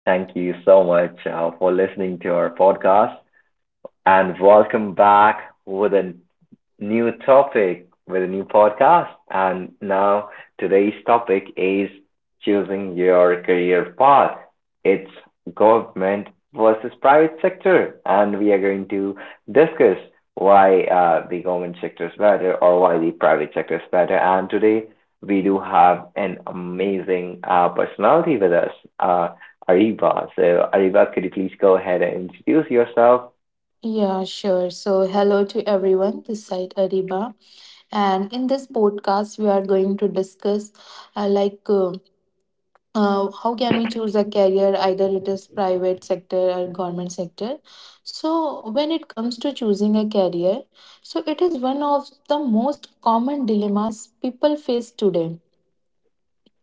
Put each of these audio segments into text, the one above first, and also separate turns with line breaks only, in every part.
Thank you so much for listening to our podcast and welcome back with a new topic with a new podcast. And now today's topic is choosing your career path. It's government versus private sector. And we are going to discuss why the government sector is better or why the private sector is better. And today we do have an amazing personality with us, uh, Ariba. So, Ariba, could you please go ahead and introduce yourself?
Yeah, sure. So, hello to everyone. This side Ariba, and in this podcast, we are going to discuss uh, like uh, how can we choose a career, either it is private sector or government sector. So, when it comes to choosing a career, so it is one of the most common dilemmas people face today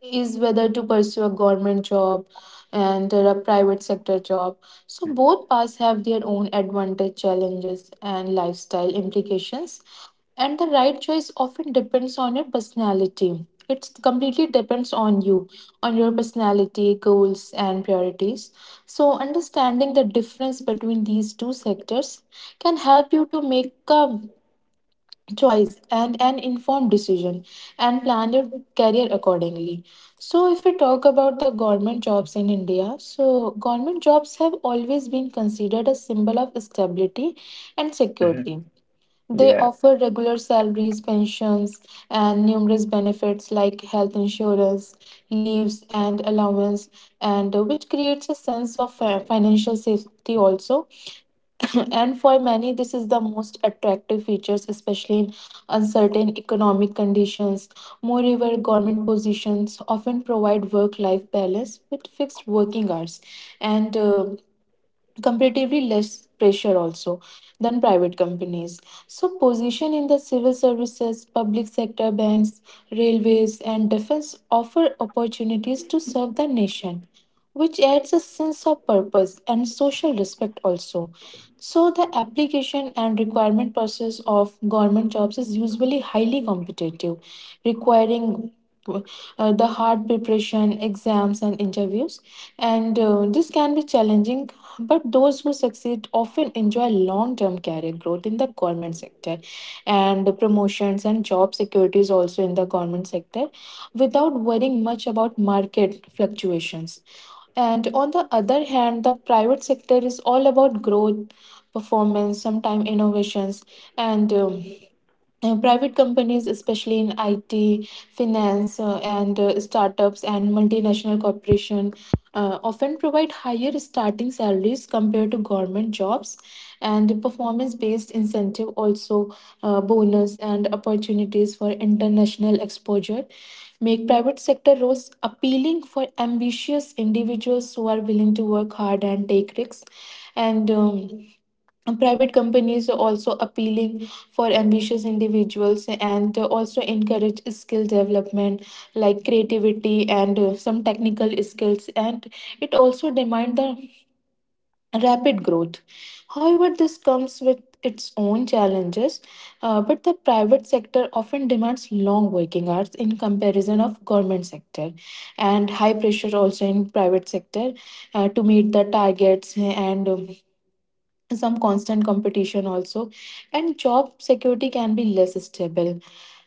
is whether to pursue a government job and a private sector job. So both paths have their own advantage, challenges, and lifestyle implications. And the right choice often depends on your personality. It completely depends on you, on your personality, goals, and priorities. So, understanding the difference between these two sectors can help you to make a choice and an informed decision and plan your career accordingly. So if we talk about the government jobs in India, so government jobs have always been considered a symbol of stability and
Mm-hmm.
security. They
Yeah,
offer regular salaries, pensions, and numerous benefits like health insurance, leaves and allowance, and which creates a sense of financial safety also. And for many, this is the most attractive features, especially in uncertain economic conditions. Moreover, government positions often provide work life balance with fixed working hours and comparatively less pressure also than private companies. So position in the civil services, public sector banks, railways and defense offer opportunities to serve the nation, which adds a sense of purpose and social respect also. So the application and requirement process of government jobs is usually highly competitive, requiring the hard preparation exams and interviews, and this can be challenging, but those who succeed often enjoy long term career growth in the government sector and promotions and job securities also in the government sector without worrying much about market fluctuations. And on the other hand, the private sector is all about growth, performance, sometimes innovations, and private companies, especially in IT, finance, and startups and multinational corporation, often provide higher starting salaries compared to government jobs, and performance-based incentive also, bonus and opportunities for international exposure make private sector roles appealing for ambitious individuals who are willing to work hard and take risks, and private companies are also appealing for ambitious individuals and also encourage skill development like creativity and some technical skills, and it also demand the rapid growth. However, this comes with its own challenges. But the private sector often demands long working hours in comparison of government sector and high pressure also in private sector to meet the targets, and some constant competition also, and job security can be less stable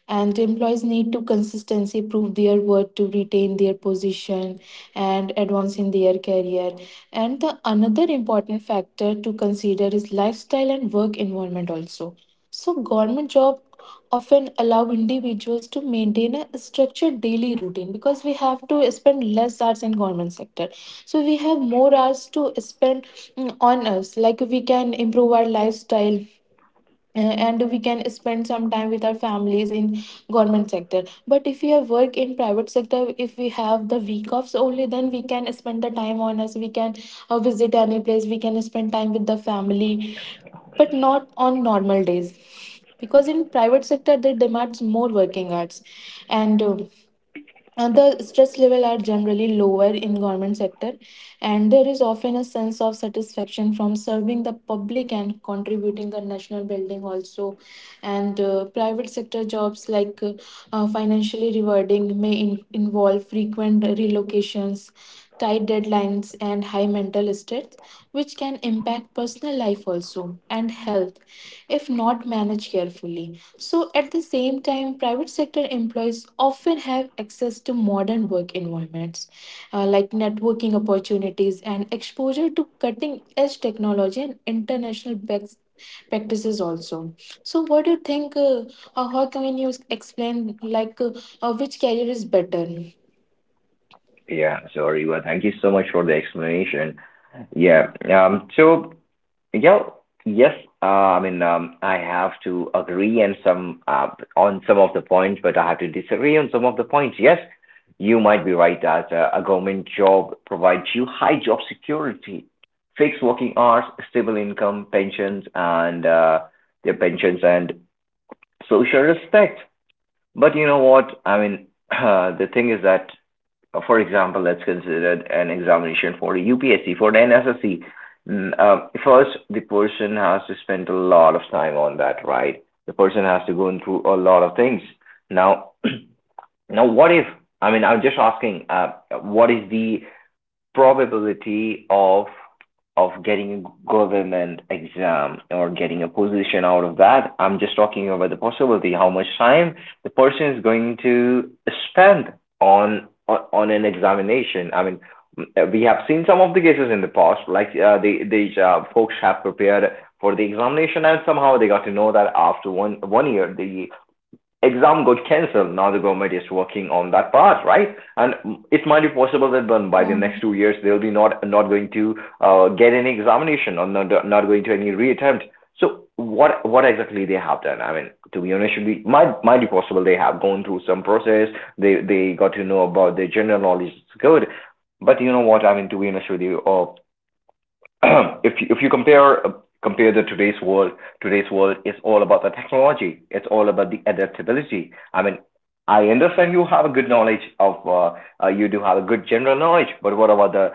and employees need to consistency prove their worth to retain their position and advance in their career. And the another important factor to consider is lifestyle and work environment also. So government job often allow individuals to maintain a structured daily routine because we have to spend less hours in government sector, so we have more hours to spend on us, like we can improve our lifestyle, and we can spend some time with our families in government sector. But if we have work in private sector, if we have the week offs only, then we can spend the time on us, we can visit any place, we can spend time with the family, but not on normal days because in private sector they demands more working hours. And the stress level are generally lower in government sector, and there is often a sense of satisfaction from serving the public and contributing the national building also. And private sector jobs, like financially rewarding, may involve frequent relocations, tight deadlines and high mental stress, which can impact personal life also and health if not managed carefully. So at the same time, private sector employees often have access to modern work environments, like networking opportunities and exposure to cutting edge technology and international best practices also. So what do you think? How can you explain, like which career is better?
yeah, sorry, but thank you so much for the explanation. Yeah. So yeah, yes, I mean, I have to agree on some of the points, but I have to disagree on some of the points. Yes, you might be right that a government job provides you high job security, fixed working hours, stable income, pensions, and their pensions and social respect. But you know what? I mean, the thing is that for example, let's consider an examination for a UPSC, for an NSSC. First, the person has to spend a lot of time on that, right? The person has to go through a lot of things. Now, now, what if? I mean, I'm just asking. What is the probability of getting a government exam or getting a position out of that? I'm just talking about the possibility. How much time the person is going to spend on an examination? I mean, we have seen some of the cases in the past, like these folks have prepared for the examination, and somehow they got to know that after one year the exam got cancelled. Now the government is working on that part, right? And it might be possible that by the
Yeah.
next 2 years they'll be not going to get any examination, or not going to any reattempt. So what exactly they have done? I mean, to be honest, should be might be possible they have gone through some process. They got to know about their general knowledge is good. But you know what? I mean, to be honest with you, if you compare compare the today's world. Today's world is all about the technology. It's all about the adaptability. I mean, I understand you have a good knowledge you do have a good general knowledge, but what about the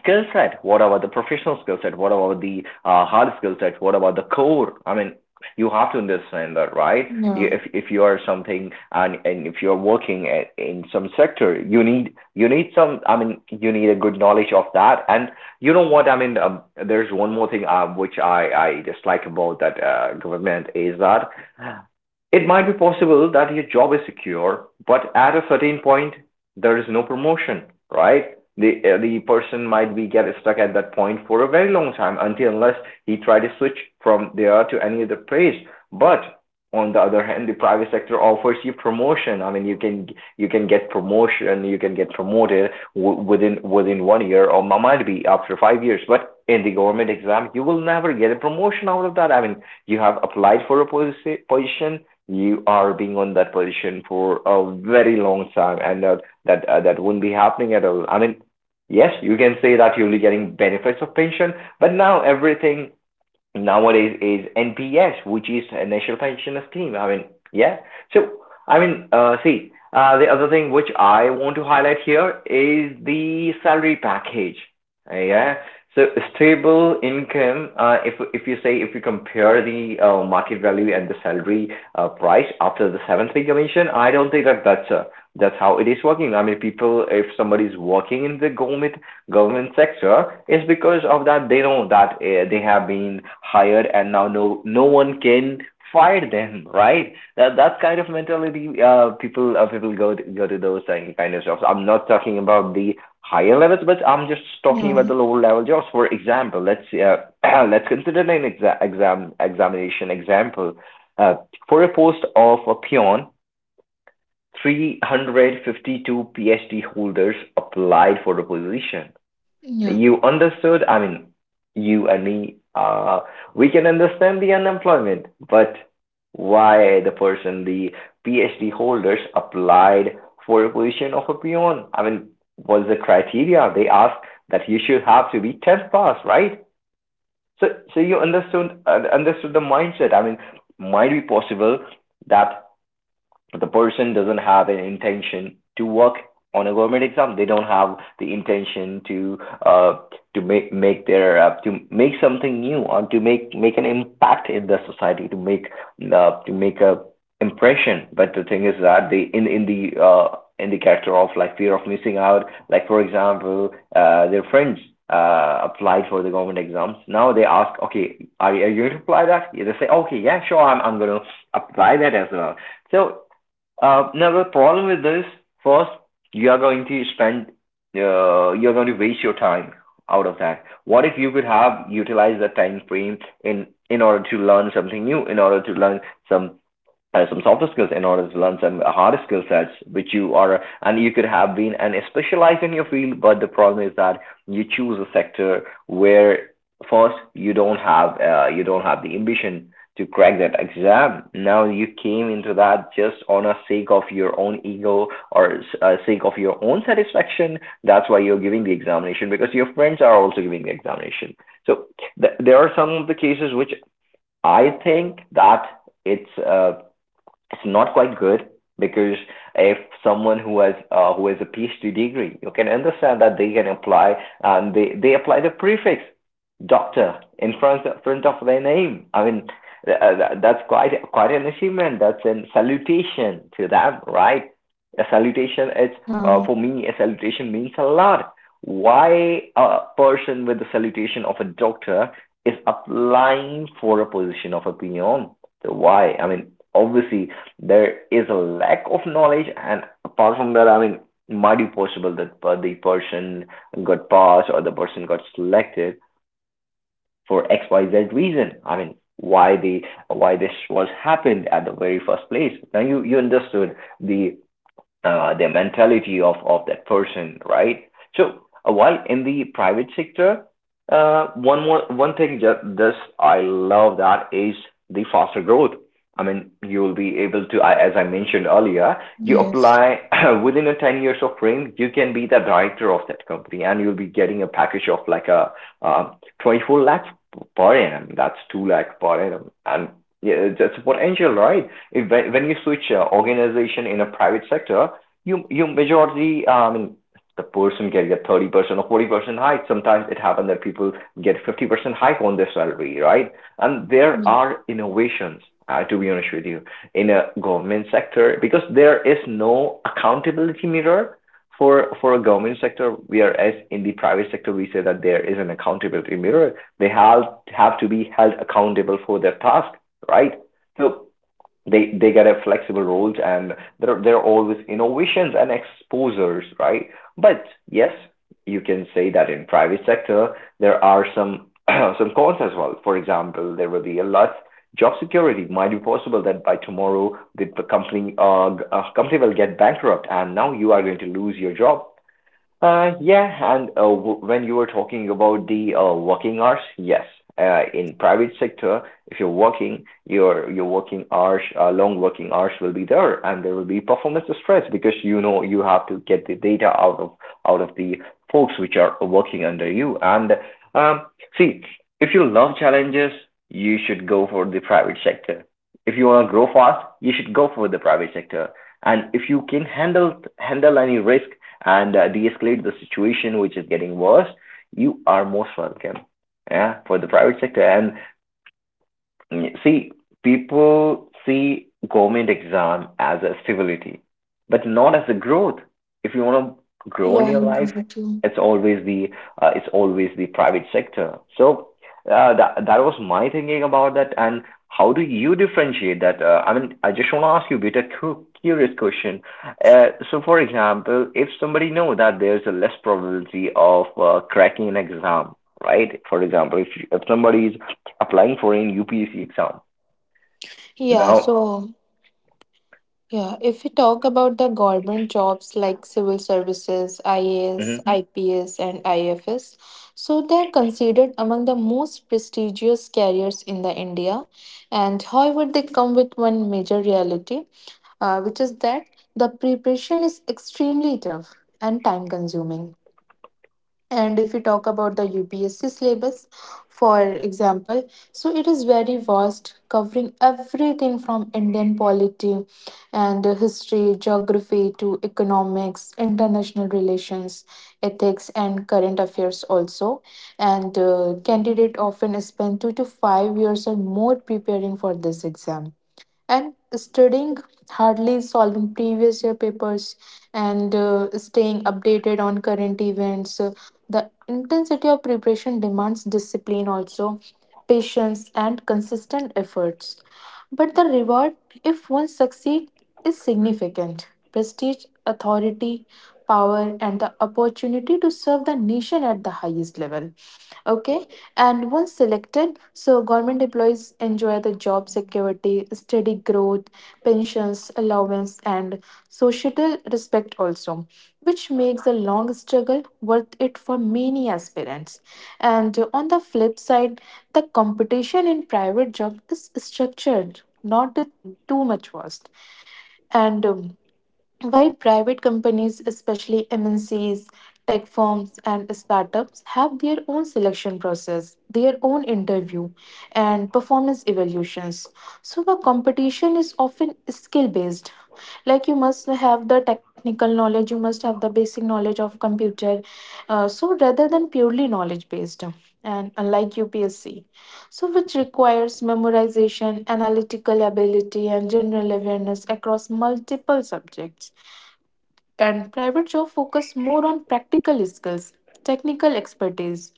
skill set? What about the professional skill set? What about the hard skill set? What about the core? I mean, you have to understand that, right?
Yeah.
If you are something, and if you are working in some sector, you need some. I mean, you need a good knowledge of that, and you know what? I mean, there's one more thing which I dislike about that government is that it might be possible that your job is secure, but at a certain point, there is no promotion, right? The person might be get stuck at that point for a very long time until unless he try to switch from there to any other place. But on the other hand, the private sector offers you promotion. I mean, you can get promotion, you can get promoted within 1 year or might be after 5 years. But in the government exam, you will never get a promotion out of that. I mean, you have applied for a position, you are being on that position for a very long time, and that wouldn't be happening at all. I mean, yes, you can say that you'll be getting benefits of pension, but now everything nowadays is NPS, which is a National Pension Scheme. I mean, yeah. So, I mean, see, the other thing which I want to highlight here is the salary package. Yeah. So stable income, if you say if you compare the market value and the salary price after the seventh pay commission, I don't think that that's how it is working. I mean, people, if somebody is working in the government sector is because of that they know that they have been hired, and now no one can fire them, right? That kind of mentality, people people go to those kind of jobs. I'm not talking about the higher levels, but I'm just talking
Yeah,
about the lower level jobs. For example, let's let's consider an examination example uh, for a post of a peon. 352 PhD holders applied for the position.
yeah,
You understood? I mean, you and me, we can understand the unemployment. But why the person the PhD holders applied for a position of a peon? I mean, was the criteria they asked that you should have to be 10th pass, right? So you understood, understood the mindset. I mean, might be possible that the person doesn't have an intention to work on a government exam. They don't have the intention to uh, make their to make something new, or to make an impact in the society, to make a impression. But the thing is that they, in in the character of, like, fear of missing out. Like, for example, their friends applied for the government exams. Now they ask, okay, are you going to apply that? Yeah, they say, okay, yeah, sure, I'm going to apply that as well. So now the problem with this, first, you are going to spend, you're going to waste your time out of that. What if you could have utilized that time frame in order to learn something new, in order to learn some softer skills, in order to learn some harder skill sets, which you are, and you could have been and specialized in your field. But the problem is that you choose a sector where first you don't have the ambition to crack that exam. Now you came into that just on a sake of your own ego, or sake of your own satisfaction. That's why you're giving the examination, because your friends are also giving the examination. So there are some of the cases which I think that it's uh, it's not quite good. Because if someone who has a PhD degree, you can understand that they can apply, and they apply the prefix doctor in front front of their name. I mean, that's quite an achievement. That's a salutation to them, right? A salutation is
yeah.
For me, a salutation means a lot. Why a person with the salutation of a doctor is applying for a position of a peon? So why? I mean, obviously there is a lack of knowledge. And apart from that, I mean, it might be possible that the person got passed or the person got selected for xyz reason. I mean, why the why this was happened at the very first place. Now you understood the mentality of that person, right? So, while in the private sector, one thing just this I love that is the faster growth. I mean, you will be able to, as I mentioned earlier, you
Yes.
apply within a 10 years of frame, you can be the director of that company and you'll be getting a package of like a uh, 24 lakhs per annum. That's 2 lakh per annum. And yeah, that's potential, right? If, when you switch organization in a private sector, you majority the person can get 30% or 40% hike. Sometimes it happens that people get 50% hike on their salary, right? And there
Yeah,
are innovations, to be honest with you, in a government sector, because there is no accountability mirror for a government sector, whereas in the private sector we say that there is an accountability mirror. They have to be held accountable for their task, right? So they get a flexible role, and there are always innovations and exposures, right? But yes, you can say that in private sector there are some some cons as well. For example, there will be a lot, job security might be possible that by tomorrow the company company will get bankrupt and now you are going to lose your job. When you were talking about the working hours, yes, in private sector, if you're working, your working hours, long working hours will be there, and there will be performance stress because you know you have to get the data out of the folks which are working under you. And um, see, if you love challenges, you should go for the private sector. If you want to grow fast, you should go for the private sector. And if you can handle any risk and de-escalate the situation, which is getting worse, you are most welcome, yeah, for the private sector. And see, people see government exam as a stability, but not as a growth. If you want to grow
yeah,
in
I
your
do
life,
that too.
it's always the it's always the private sector. So that that was my thinking about that. And how do you differentiate that? I mean, I just want to ask you a bit a curious question. So, for example, if somebody know that there's a less probability of cracking an exam, right? For example, if somebody is applying for an UPSC exam.
Yeah,
Now,
so yeah, if we talk about the government jobs like civil services, IAS,
mhm.
IPS, and IFS, so they're considered among the most prestigious careers in the India, and however, they come with one major reality, which is that the preparation is extremely tough and time consuming. And if we talk about the UPSC syllabus, for example, so it is very vast, covering everything from Indian polity and history, geography to economics, international relations, ethics, and current affairs also. And candidate often spend 2 to 5 years or more preparing for this exam and studying hardly, solving previous year papers and staying updated on current events. So, the intensity of preparation demands discipline also, patience and consistent efforts. But the reward, if one succeeds, is significant prestige, authority, power and the opportunity to serve the nation at the highest level. Okay. And once selected, so government employees enjoy the job security, steady growth, pensions, allowance and societal respect also, which makes the long struggle worth it for many aspirants. And on the flip side, the competition in private job is structured, not too much vast, and while private companies, especially MNCs, tech firms, and startups, have their own selection process, their own interview, and performance evaluations. So the competition is often skill based. Like, you must have the technical knowledge, you must have the basic knowledge of computer. So rather than purely knowledge based, and unlike UPSC, so which requires memorization, analytical ability, and general awareness across multiple subjects, and private job focus more on practical skills, technical expertise.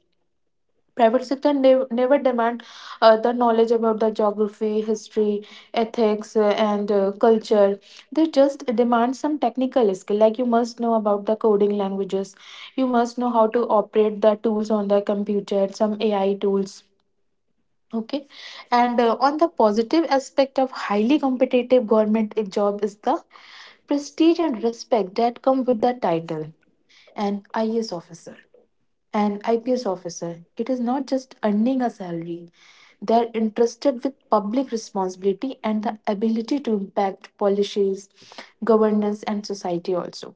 Private sector never demand the knowledge about the geography, history, ethics and culture. They just demand some technical skill, like you must know about the coding languages, you must know how to operate the tools on the computer, some AI tools. Okay. And on the positive aspect of highly competitive government job is the prestige and respect that come with the title. An IAS officer, an IPS officer, it is not just earning a salary. They are entrusted with public responsibility and the ability to impact policies, governance, and society also.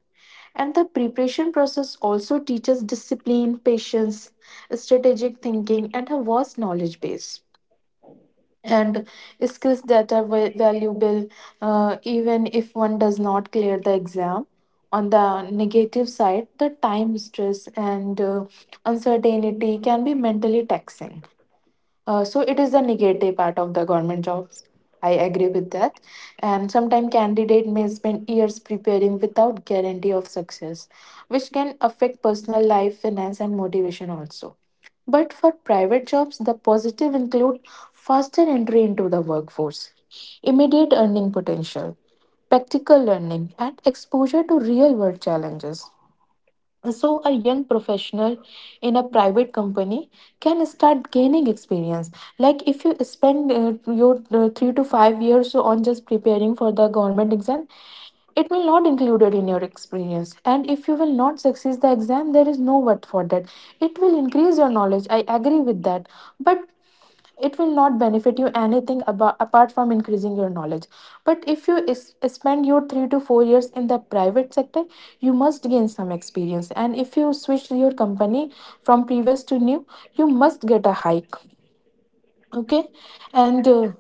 And the preparation process also teaches discipline, patience, strategic thinking, and a vast knowledge base and skills that are valuable even if one does not clear the exam. On the negative side, the time, stress and uncertainty can be mentally taxing. So, it is the negative part of the government jobs. I agree with that. And sometimes candidate may spend years preparing without guarantee of success, which can affect personal life, finance, and motivation also. But for private jobs, the positive include faster entry into the workforce, immediate earning potential, practical learning, and exposure to real world challenges. So, a young professional in a private company can start gaining experience. Like, if you spend your 3 to 5 years on just preparing for the government exam, it will not included in your experience. And if you will not succeed the exam, there is no worth for that. It will increase your knowledge. I agree with that. But it will not benefit you anything about apart from increasing your knowledge. But if you is, spend your 3 to 4 years in the private sector, you must gain some experience, and if you switch your company from previous to new, you must get a hike. Okay. And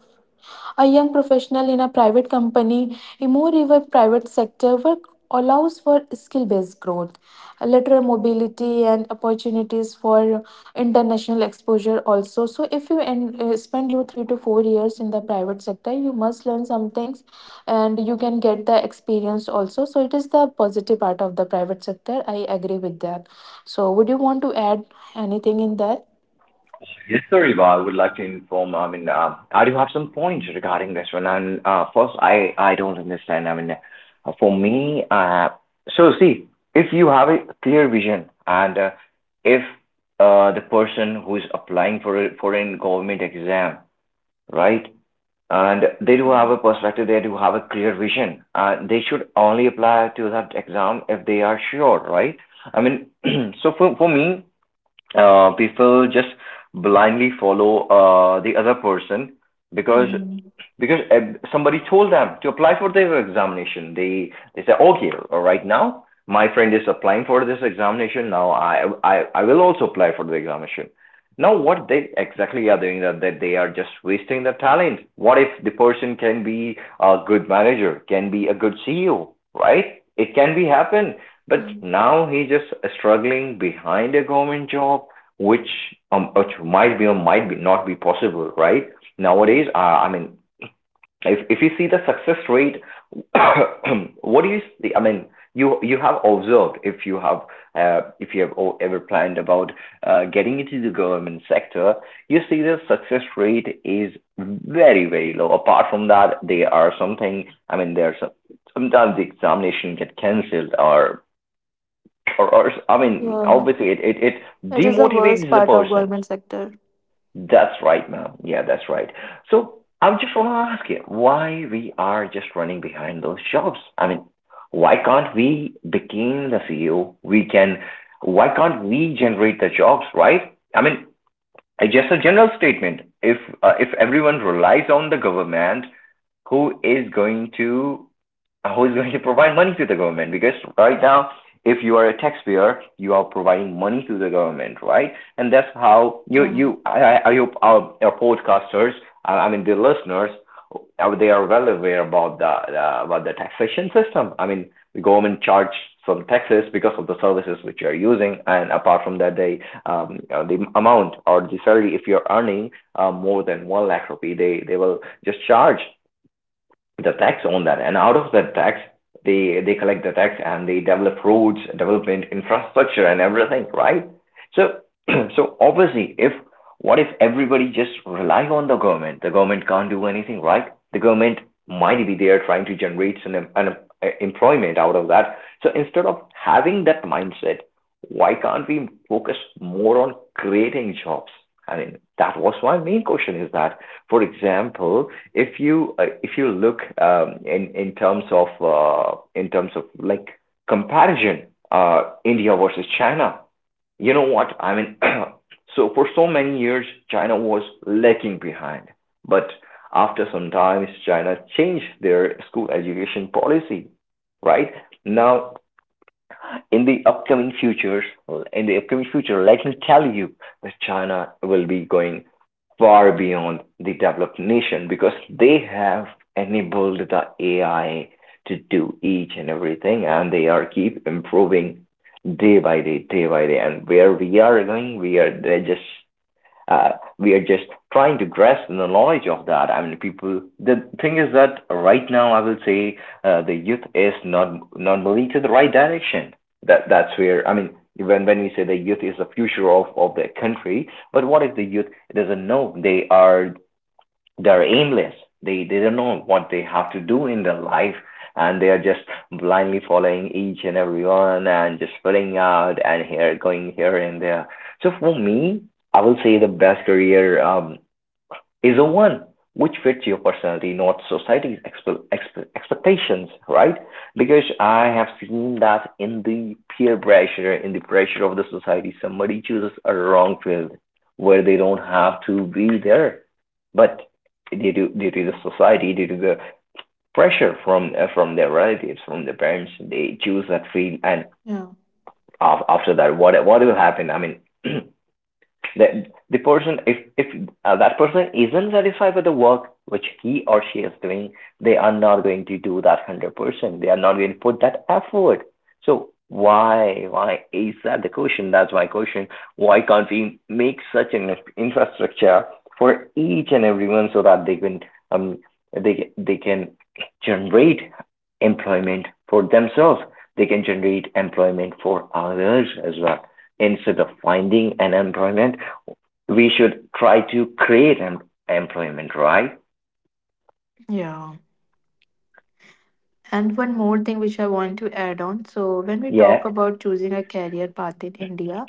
a young professional in a private company, a more even private sector work allows for skill based growth, lateral mobility, and opportunities for international exposure also. So, if you spend your 3 to 4 years in the private sector, you must learn some things and you can get the experience also. So, it is the positive part of the private sector. I agree with that. So, would you want to add anything in that?
Yes, sir, Eva. I would like to inform, I mean, I do have some points regarding this one. And first, I don't understand. I mean, for me, see, if you have a clear vision, and if the person who is applying for a foreign government exam, right, and they do have a perspective, they do have a clear vision, and they should only apply to that exam if they are sure, right? I mean, so for me, people just blindly follow the other person because
Mm-hmm.
somebody told them to apply for their examination. They said, okay, right now my friend is applying for this examination. Now I will also apply for the examination. Now what they exactly are doing, that they are just wasting their talent. What if the person can be a good manager, can be a good CEO, right? It can be happen. But
Yeah.
now he just struggling behind a government job, which which might be or might be not be possible, right? Nowadays, I mean, if you see the success rate, what do you see? I mean, you have observed, if you have ever planned about getting into the government sector, you see the success rate is very very low. Apart from that, there are something. I mean, there's some, sometimes the examination get cancelled, or I mean,
Yeah,
obviously it
it is the worst
demotivates the
part of
person.
government sector.
That's right, ma'am. Yeah, that's right. So I just want to ask you why we are just running behind those jobs. I mean, why can't we become the CEO? We can. Why can't we generate the jobs, right? I mean, just a general statement. If everyone relies on the government, who is going to who is going to provide money to the government? Because right now, if you are a taxpayer, you are providing money to the government, right? And that's how
Yeah,
I hope our podcasters, I mean the listeners, they are well aware about the taxation system. I mean the government charges some taxes because of the services which you are using, and apart from that they the amount or the salary, if you're earning more than one lakh rupee, they will just charge the tax on that. And out of that tax, they collect the tax and they develop roads, development, infrastructure, and everything, right? So so obviously, if what if everybody just rely on the government? The government can't do anything, right? The government might be there trying to generate some em- an em- employment out of that. So instead of having that mindset, why can't we focus more on creating jobs? I mean, that was my main question, is that, for example, if you look in terms of like comparison, India versus China, you know what? I mean, so for so many years, China was lagging behind. But after some time, China changed their school education policy, right? Now, in the upcoming futures, in the upcoming future, let me tell you that China will be going far beyond the developed nation because they have enabled the AI to do each and everything, and they are keep improving day by day, and where we are going, uh, we are just trying to grasp the knowledge of that. I mean, people. The thing is that right now, I will say the youth is not moving to the right direction. That's where, I mean, when we say the youth is the future of the country, but what if the youth doesn't know they are they're aimless. They don't know what they have to do in their life, and they are just blindly following each and every one, and just filling out and here going here and there. So for me, I will say the best career is a one which fits your personality, not society's expectations, right? Because I have seen that in the peer pressure, in the pressure of the society, somebody chooses a wrong field where they don't have to be there, but due to the society, due to the pressure from their relatives, from their parents, they choose that field, and
yeah,
after that, what will happen? I mean. The person, if that person isn't satisfied with the work which he or she is doing, they are not going to do that 100%, they are not going to put that effort. So why is that the question? That's my question. Why can't we make such an infrastructure for each and everyone so that um they can generate employment for themselves, they can generate employment for others as well? Instead of finding an employment, we should try to create employment, right?
yeah. And one more thing which I want to add on. So, when we talk
Yeah.
about choosing a career path in India,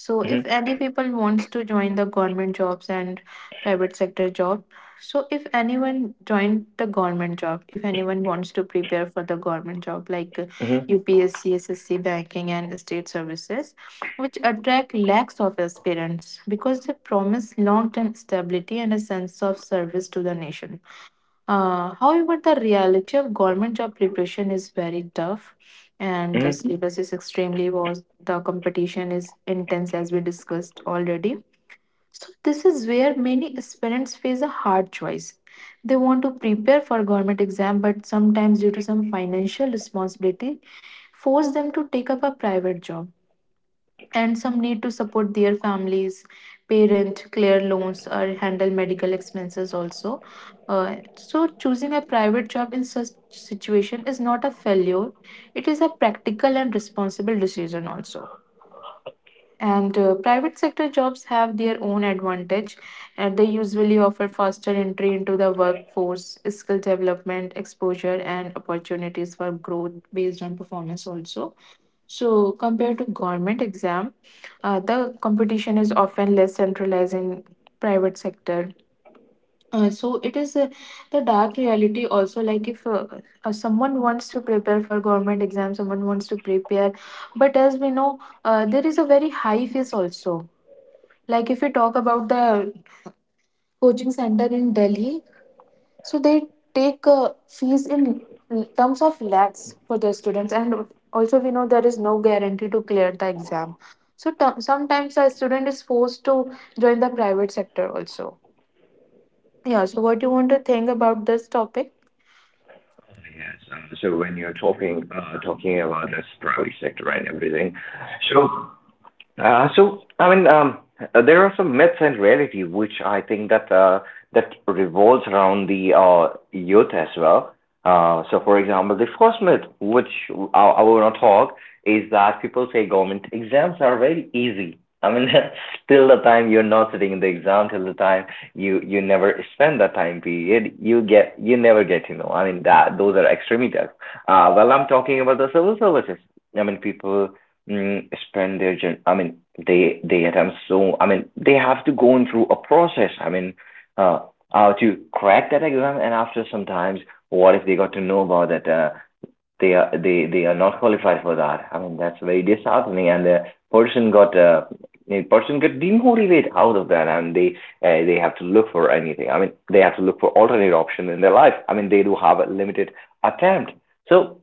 so if any
Mm-hmm.
people wants to join the government jobs and private sector job, so if anyone joined the government job, if anyone wants to prepare for the government job like
Mm-hmm.
UPSC, SSC, banking and state services, which attract lakhs of aspirants because they promise long-term stability and a sense of service to the nation. However, the reality of government job preparation is very tough, and the
Mm-hmm.
syllabus is extremely vast. The competition is intense, as we discussed already. So, this is where many aspirants face a hard choice. They want to prepare for government exam, but sometimes due to some financial responsibility, force them to take up a private job, and some need to support their families, parent clear loans or handle medical expenses also. Uh, so choosing a private job in such situation is not a failure, it is a practical and responsible decision also. And private sector jobs have their own advantage and they usually offer faster entry into the workforce, skill development exposure and opportunities for growth based on performance also. So, compared to government exam, the competition is often less centralized in private sector. So it is the dark reality also, like if someone wants to prepare for government exam, someone wants to prepare, but as we know, there is a very high fees also, like if we talk about the coaching center in Delhi, so they take fees in terms of lakhs for the students, and also we know there is no guarantee to clear the exam. So sometimes a student is forced to join the private sector also. Yeah. So what do you want to think about this topic?
Yes. So when you're talking talking about the private sector and everything, so I mean, there are some myths and reality which I think that that revolves around the youth as well. So, for example, the first myth which I want to talk is that people say government exams are very easy. I mean, till the time you're not sitting in the exam, till the time you never spend that time period, you never get to know. I mean, that those are extreme myths. Well, I'm talking about the civil services. I mean, people spend their journey. I mean, they attempt so. I mean, they have to go in through a process. I mean, uh, to crack that exam, and after sometimes, what if they got to know about that? They are they are not qualified for that. I mean, that's very disheartening, and the person got a person get demotivated out of that, and they have to look for anything. I mean, they have to look for alternate option in their life. I mean, they do have a limited attempt. So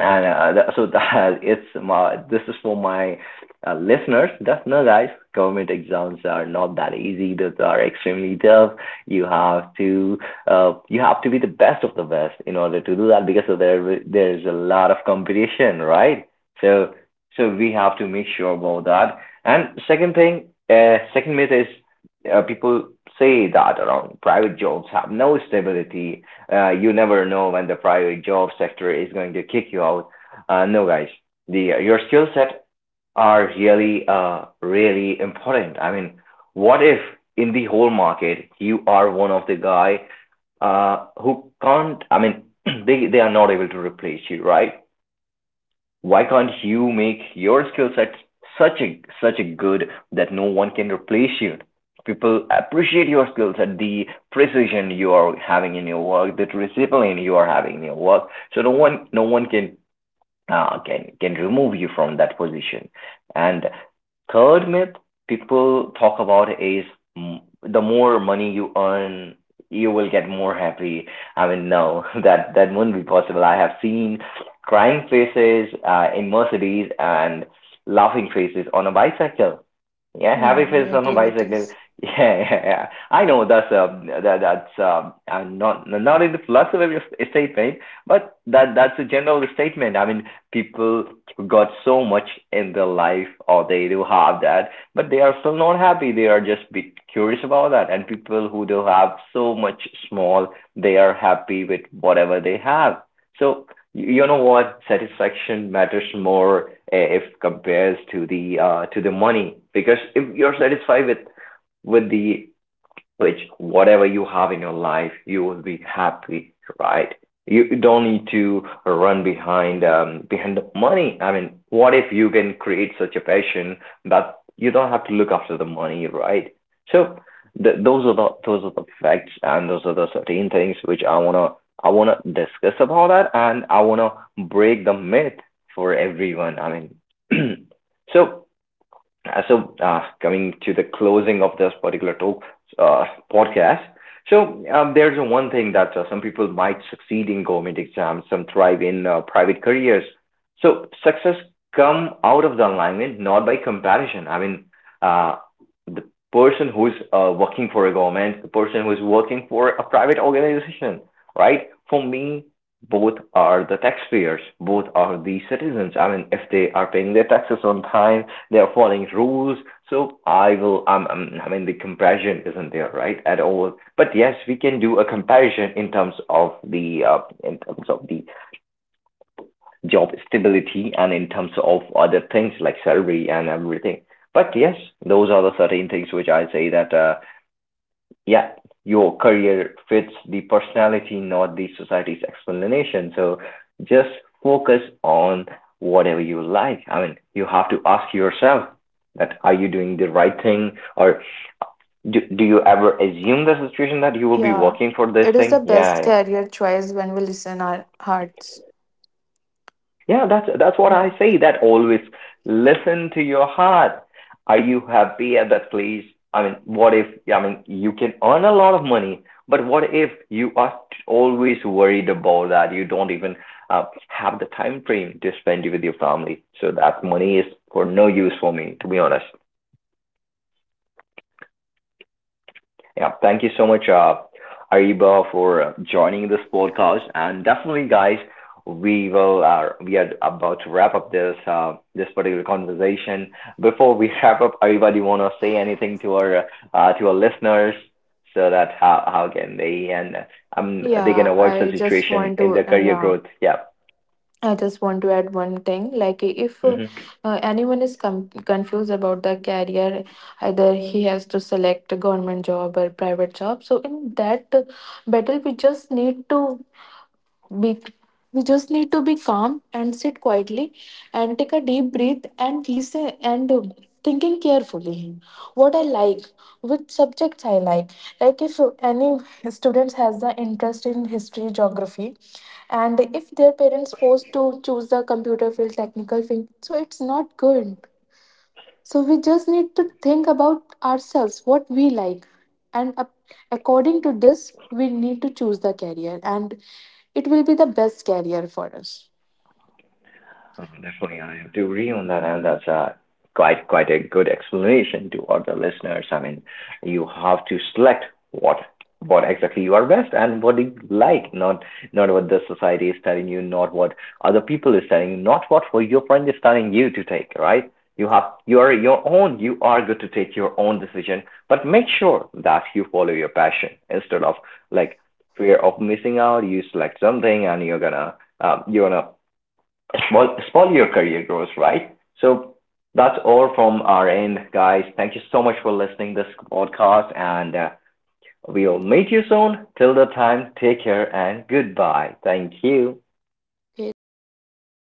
and that it's my, this is for my listeners, just know guys, government exams are not that easy, those are extremely tough. You have to you have to be the best of the best in order to do that, because so there's a lot of competition, right? So so we have to make sure about that. And second thing, second myth is, people say that around private jobs have no stability, you never know when the private job sector is going to kick you out. No, guys, the your skill set are really, really important. I mean, what if in the whole market you are one of the guy who can't? I mean, they are not able to replace you, right? Why can't you make your skill set such a such a good that no one can replace you? People appreciate your skill set, the precision you are having in your work, the discipline you are having in your work. So no one can can remove you from that position. And third myth people talk about is, the more money you earn, you will get more happy. I mean, no, that that wouldn't be possible. I have seen crying faces in Mercedes and laughing faces on a bicycle. Yeah, happy
Yeah, I
face on a
agree with
bicycle.
this.
Yeah, yeah, yeah. I know that's that that's I'm not in the philosophy of statement, but that's a general statement. People got so much in their life, or they do have that, but they are still not happy. They are just bit curious about that. And people who do have so much small, they are happy with whatever they have. So you know what, satisfaction matters more if compares to the money, because if you're satisfied with the which whatever you have in your life, you will be happy, right? You don't need to run behind behind the money. I mean, what if you can create such a passion that you don't have to look after the money, right? So those are the facts, and those are the certain things which I wanna discuss about that, and I wanna break the myth for everyone. I mean, so So coming to the closing of this particular talk, uh, podcast. So, there's one thing that some people might succeed in government exams, some thrive in private careers. So, success come out of the alignment, not by comparison. Uh, the person who's working for a government, the person who's working for a private organization, right? For me, both are the taxpayers, both are the citizens. I mean, if they are paying their taxes on time, they're following rules. So I mean, the comparison isn't there, right, at all. But yes, we can do a comparison in terms of the job stability and in terms of other things like salary and everything. But yes, those are the certain things which I say that yeah, your career fits the personality, not the society's explanation. So just focus on whatever you like. I mean, you have to ask yourself that, are you doing the right thing, or do you ever assume the situation that you will be
Yeah,
working for this
it is the
thing?
best
Yeah.
career choice when we listen our hearts.
Yeah, that's what
Yeah.
I say. That always listen to your heart. Are you happy at that place? I mean, what if? I mean, you can earn a lot of money, but what if you are always worried about that? You don't even have the time frame to spend with your family. So that money is for no use for me, to be honest. Yeah, thank you so much, Ariba, for joining this podcast. And definitely, guys, we are about to wrap up this particular conversation. Before we wrap up, Ariba, do you want to say anything to our listeners, so that how can they, and they can
yeah
avoid such
I just
situation
want
in
to
their career
Yeah,
growth? Yeah.
I just want to add one thing, like if
Hmm.
anyone is confused about the career, either he has to select a government job or private job. So in that battle we just need to be, we just need to be calm and sit quietly and take a deep breath and listen and thinking carefully what I like, which subjects I like if any students has the interest in history, geography, and if their parents forced to choose the computer field, technical field, so it's not good. So we just need to think about ourselves, what we like. And according to this, we need to choose the career, and it will be the best career for us.
Definitely, I have to agree on that, and that's quite a good explanation to all the listeners. I mean, you have to select what what exactly you are best and what you like, not not what the society is telling you, not what other people is telling you, not what for your friend is telling you to take, right? You are your own. You are good to take your own decision, but make sure that you follow your passion instead of like fear of missing out. You select something, and you're gonna um, you're gonna a small your career grows, right? So that's all from our end, guys. Thank you so much for listening to this podcast, and we'll meet you soon. Till the time, take care and goodbye. Thank you.
Okay, thanks to my audience.